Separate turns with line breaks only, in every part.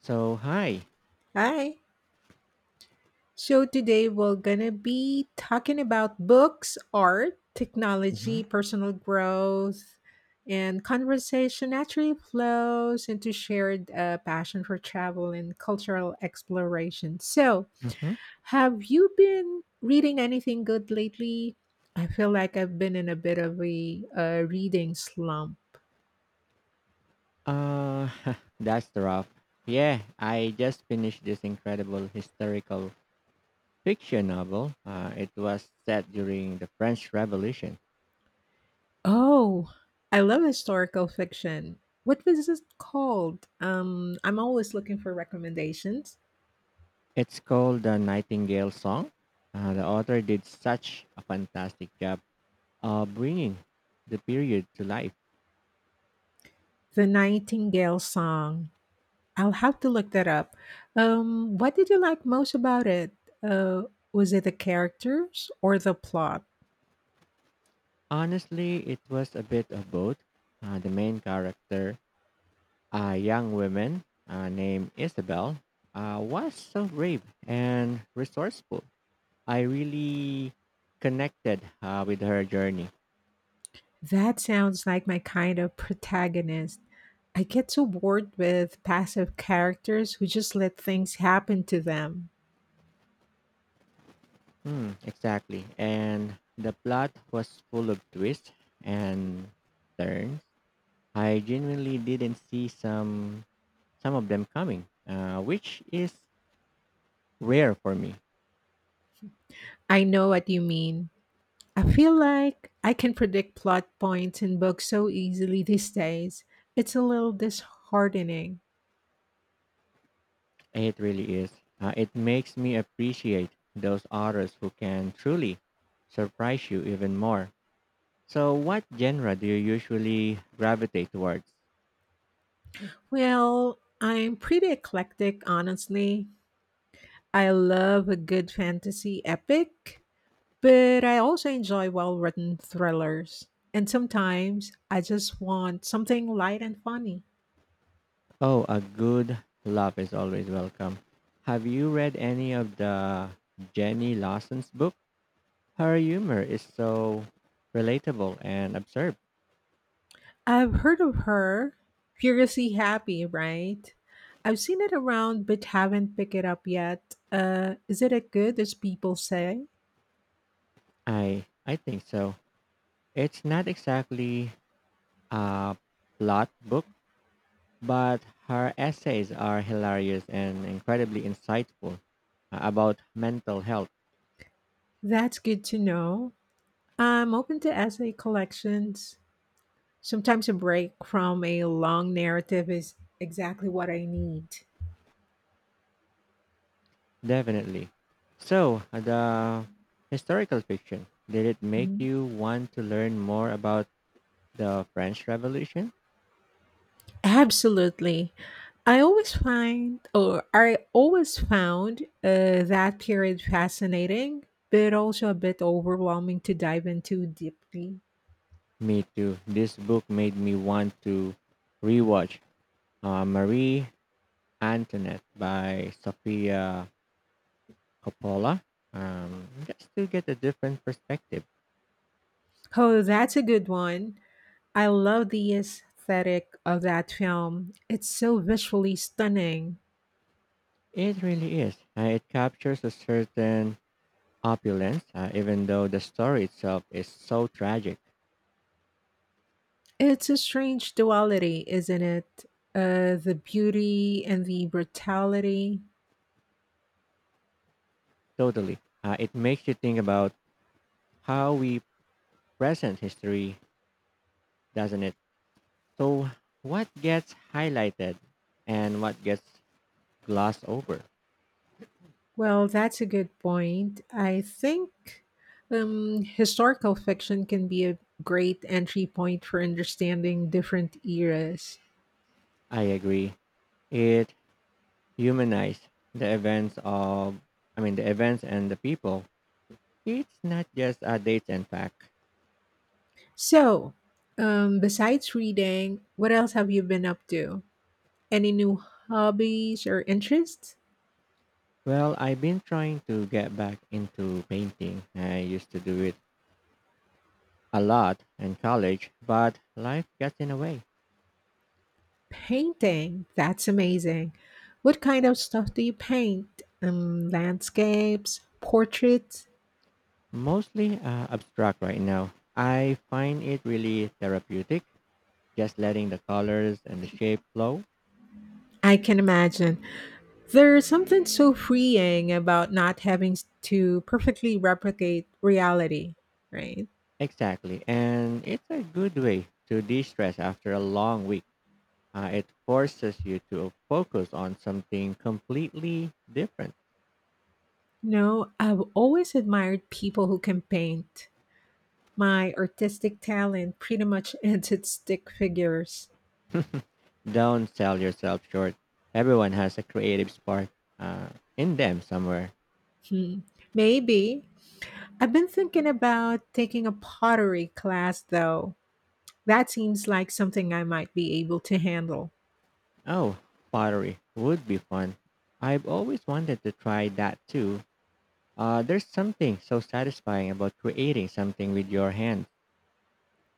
So hi.
Hi. So today we're gonna be talking about books, art,
Hmm.
technology, personal growth, and conversation naturally flows into shared passion for travel and cultural exploration. So,
Hmm.
have you been reading anything good lately? I feel like I've been in a bit of a reading slump.
Uh, that's rough. Yeah, I just finished this incredible historical fiction novel. It was set during the French Revolution.
Oh, I love historical fiction. What was it called? I'm always looking for recommendations.
It's called The Nightingale Song. The author did such a fantastic job of bringing the period to life.
The Nightingale Song. I'll have to look that up. What did you like most about it? Uh, was it the characters or the plot?
Honestly, it was a bit of both. The main character. A young woman named Isabel was so brave and resourceful. I really connected with her journey.
That sounds like my kind of protagonist. I get so bored with passive characters who just let things happen to them.
Hmm, exactly. And the plot was full of twists and turns. I genuinely didn't see some of them coming, which is rare for me.
I know what you mean. I feel like I can predict plot points in books so easily these days. It's a little disheartening.
It really is. It makes me appreciate those authors who can truly surprise you even more. So, what genre do you usually gravitate towards?
Well, I'm pretty eclectic, honestly. I love a good fantasy epic, but I also enjoy well written thrillers. And sometimes I just want something light and funny.
Oh, a good laugh is always welcome. Have you read any of the Jenny Lawson's book? Her humor is so relatable and absurd.
I've heard of her, Furiously Happy, right? I've seen it around but haven't picked it up yet. Is it as good as people say?
I think so. It's not exactly a plot book, but her essays are hilarious and incredibly insightful about mental health.
That's good to know. I'm open to essay collections. Sometimes a break from a long narrative is exactly what I need.
Definitely. So, the historical fiction, did it make
Mhm.
you want to learn more about the French Revolution?
Absolutely. I always find, or I always found that period fascinating, but also a bit overwhelming to dive into deeply.
Me too. This book made me want to rewatch Marie Antoinette by Sofia Coppola just to get a different perspective.
Oh, that's a good one. I love the aesthetic of that film. It's so visually stunning.
It really is. It captures a certain opulence, even though the story itself is so tragic.
It's a strange duality, isn't it? The beauty and the brutality.
Totally. It makes you think about how we present history, doesn't it? So, what gets highlighted and what gets glossed over?
Well, that's a good point. I think historical fiction can be a great entry point for understanding different eras.
I agree. It humanizes the events of, I mean, the events and the people. It's not just a date and fact.
So, besides reading, what else have you been up to? Any new hobbies or interests?
Well, I've been trying to get back into painting. I used to do it a lot in college, but life gets in the way.
Painting. That's amazing. What kind of stuff do you paint? Landscapes, portraits?
Mostly abstract right now. I find it really therapeutic just letting the colors and the shape flow.
I can imagine. There's something so freeing about not having to perfectly replicate reality, right?
Exactly. And it's a good way to de stress after a long week. It forces you to focus on something completely different.
No, I've always admired people who can paint. My artistic talent pretty much ends at stick figures.
Don't sell yourself short. Everyone has a creative spark uh, in them somewhere.
Hmm. Maybe. I've been thinking about taking a pottery class though. That seems like something I might be able to handle.
Oh, pottery would be fun. I've always wanted to try that too. There's something so satisfying about creating something with your hands.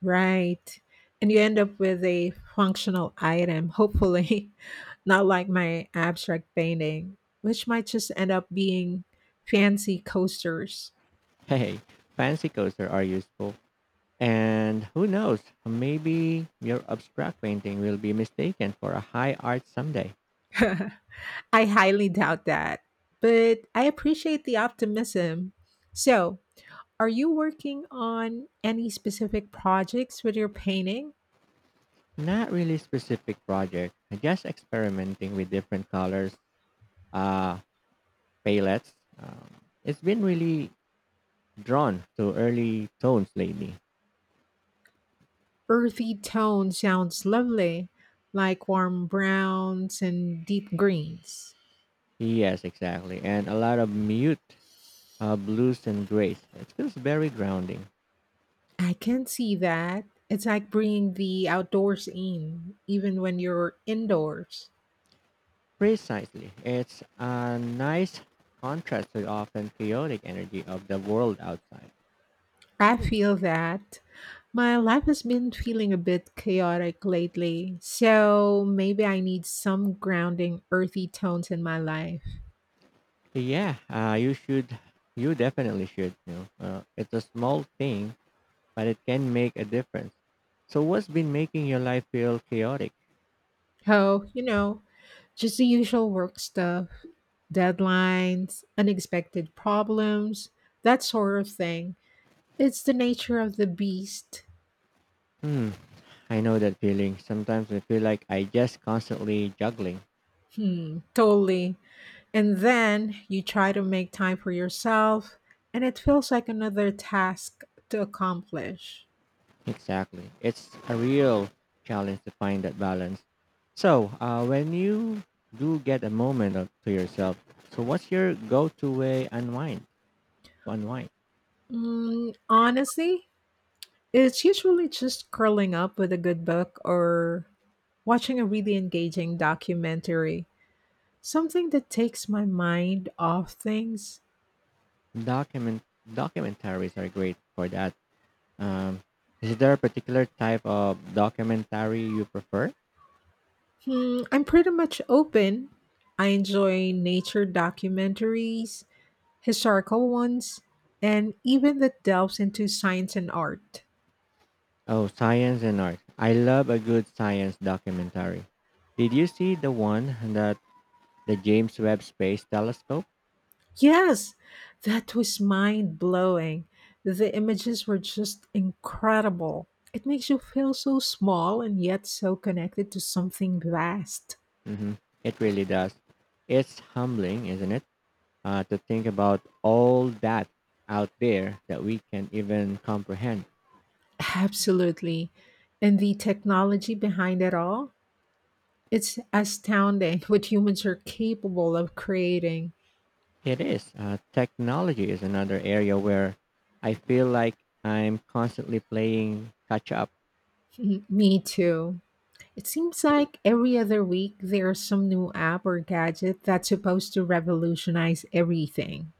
Right. And you end up with a functional item, hopefully, not like my abstract painting, which might just end up being fancy coasters.
Hey, fancy coaster are useful. And who knows, maybe your abstract painting will be mistaken for a high art someday.
I highly doubt that, but I appreciate the optimism. So, are you working on any specific projects with your painting?
Not really specific project, just experimenting with different colors, uh, palettes. Um, it's been really drawn to early tones lately.
Earthy tone sounds lovely, like warm browns and deep greens.
Yes, exactly. And a lot of mute blues and grays. It feels very grounding.
I can see that. It's like bringing the outdoors in, even when you're indoors.
Precisely. It's a nice contrast to the often chaotic energy of the world outside.
I feel that. My life has been feeling a bit chaotic lately, so maybe I need some grounding, earthy tones in my life.
Yeah, you should. You definitely should. You know, it's a small thing, but it can make a difference. So, what's been making your life feel chaotic?
Oh, you know, just the usual work stuff, deadlines, unexpected problems, that sort of thing. It's the nature of the beast.
Hmm, I know that feeling. Sometimes I feel like I just constantly juggling.
Hmm, totally. And then you try to make time for yourself, and it feels like another task to accomplish.
Exactly, it's a real challenge to find that balance. So, when you do get a moment of, to yourself, so what's your go-to way unwind? To unwind,
Mm, honestly, it's usually just curling up with a good book or watching a really engaging documentary. Something that takes my mind off things.
document documentaries are great for that. Um, is there a particular type of documentary you prefer?
Hmm, I'm pretty much open. I enjoy nature documentaries, historical ones, and even that delves into science and art.
Oh, science and art. I love a good science documentary. Did you see the one that the James Webb Space Telescope?
Yes, that was mind blowing. The images were just incredible. It makes you feel so small and yet so connected to something vast.
Hmm. It really does. It's humbling, isn't it? To think about all that out there that we can even comprehend.
Absolutely. And the technology behind it all? It's astounding what humans are capable of creating.
It is. Technology is another area where I feel like I'm constantly playing catch up.
Me too. It seems like every other week there's some new app or gadget that's supposed to revolutionize everything.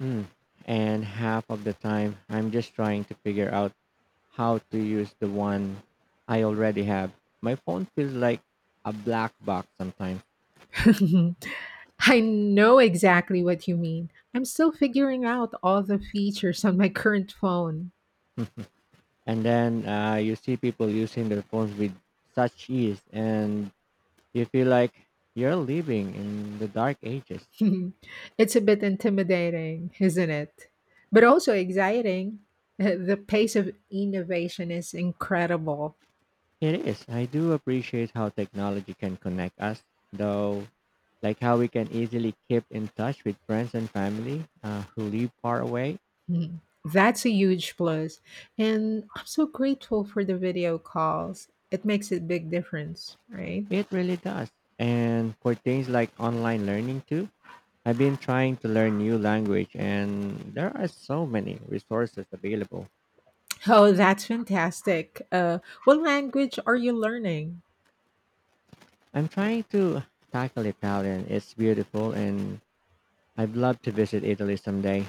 Mm. And half of the time, I'm just trying to figure out how to use the one I already have. My phone feels like a black box sometimes.
I know exactly what you mean. I'm still figuring out all the features on my current phone.
And then you see people using their phones with such ease, and you feel like you're living in the dark ages.
It's a bit intimidating, isn't it? But also exciting. The pace of innovation is incredible.
It is. I do appreciate how technology can connect us, though, like how we can easily keep in touch with friends and family who live far away.
Mm, that's a huge plus, and I'm so grateful for the video calls. It makes a big difference, right?
It really does. And for things like online learning too, I've been trying to learn new language and there are so many resources available.
Oh, that's fantastic. What language are you learning?
I'm trying to tackle Italian. It's beautiful and I'd love to visit Italy someday.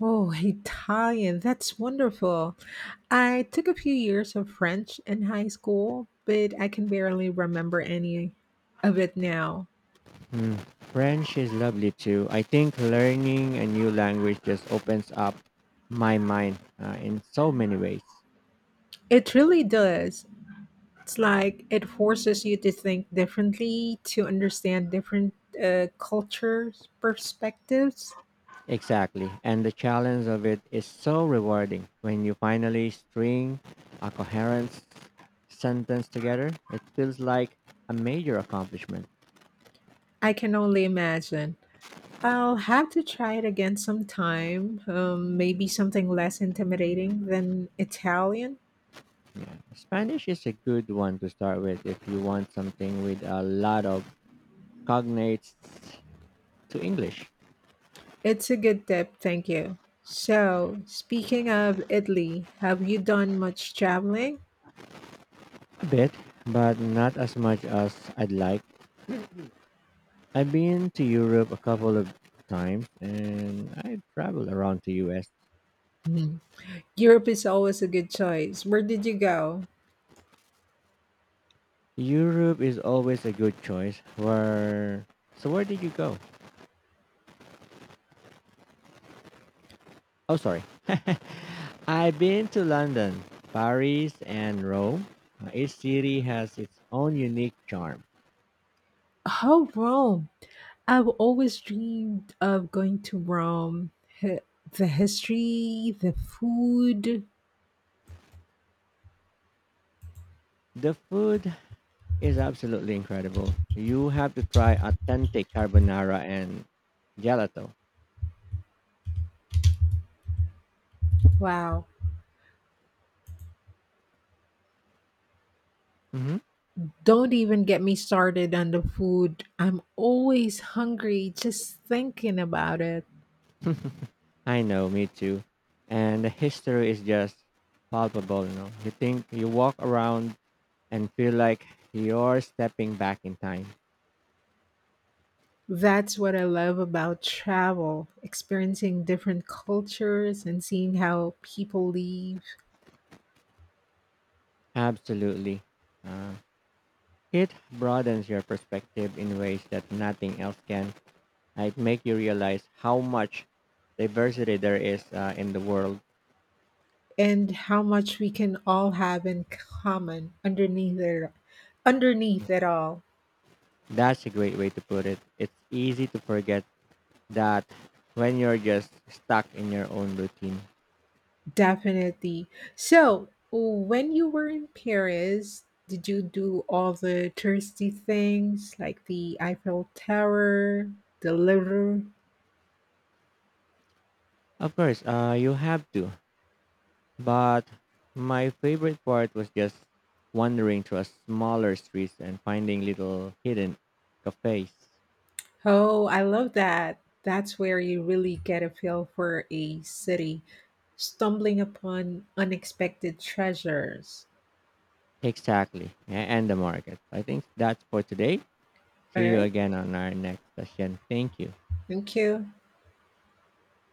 Oh, Italian. That's wonderful. I took a few years of French in high school, but I can barely remember any of it now.
Hmm. French is lovely too. I think learning a new language just opens up my mind in so many ways.
It really does. It's like it forces you to think differently, to understand different cultures, perspectives.
Exactly. And the challenge of it is so rewarding. When you finally string a coherent sentence together, it feels like a major accomplishment.
I can only imagine. I'll have to try it again sometime. Maybe something less intimidating than Italian.
Yeah. Spanish is a good one to start with if you want something with a lot of cognates to English.
It's a good tip, thank you. So, speaking of Italy, have you done much traveling?
A bit, but not as much as I'd like. I've been to Europe a couple of times and I traveled around to US.
Hmm. Europe is always a good choice. Where did you go?
Europe is always a good choice. Where so where did you go? Oh sorry. I've been to London, Paris and Rome. Each city has its own unique charm.
Oh, Rome. I've always dreamed of going to Rome. Hi- The history, the food.
The food is absolutely incredible. You have to try authentic carbonara and gelato.
Wow.
Hmm.
Don't even get me started on the food. I'm always hungry just thinking about it.
I know, me too. And the history is just palpable, you know. You think you walk around and feel like you're stepping back in time.
That's what I love about travel, experiencing different cultures and seeing how people live
Absolutely. Uh, it broadens your perspective in ways that nothing else can. It make you realize how much diversity there is in the world.
and how much we can all have in common underneath it all.
That's a great way to put it. It's easy to forget that when you're just stuck in your own routine.
Definitely. So, when you were in Paris, did you do all the touristy things like the Eiffel Tower, the Louvre?
Of course, you have to. But my favorite part was just wandering through a smaller streets and finding little hidden cafes.
Oh, I love that. That's where you really get a feel for a city, stumbling upon unexpected treasures.
Exactly. And the markets. I think that's for today.
All
See you
right.
again on our next session. Thank you.
Thank you.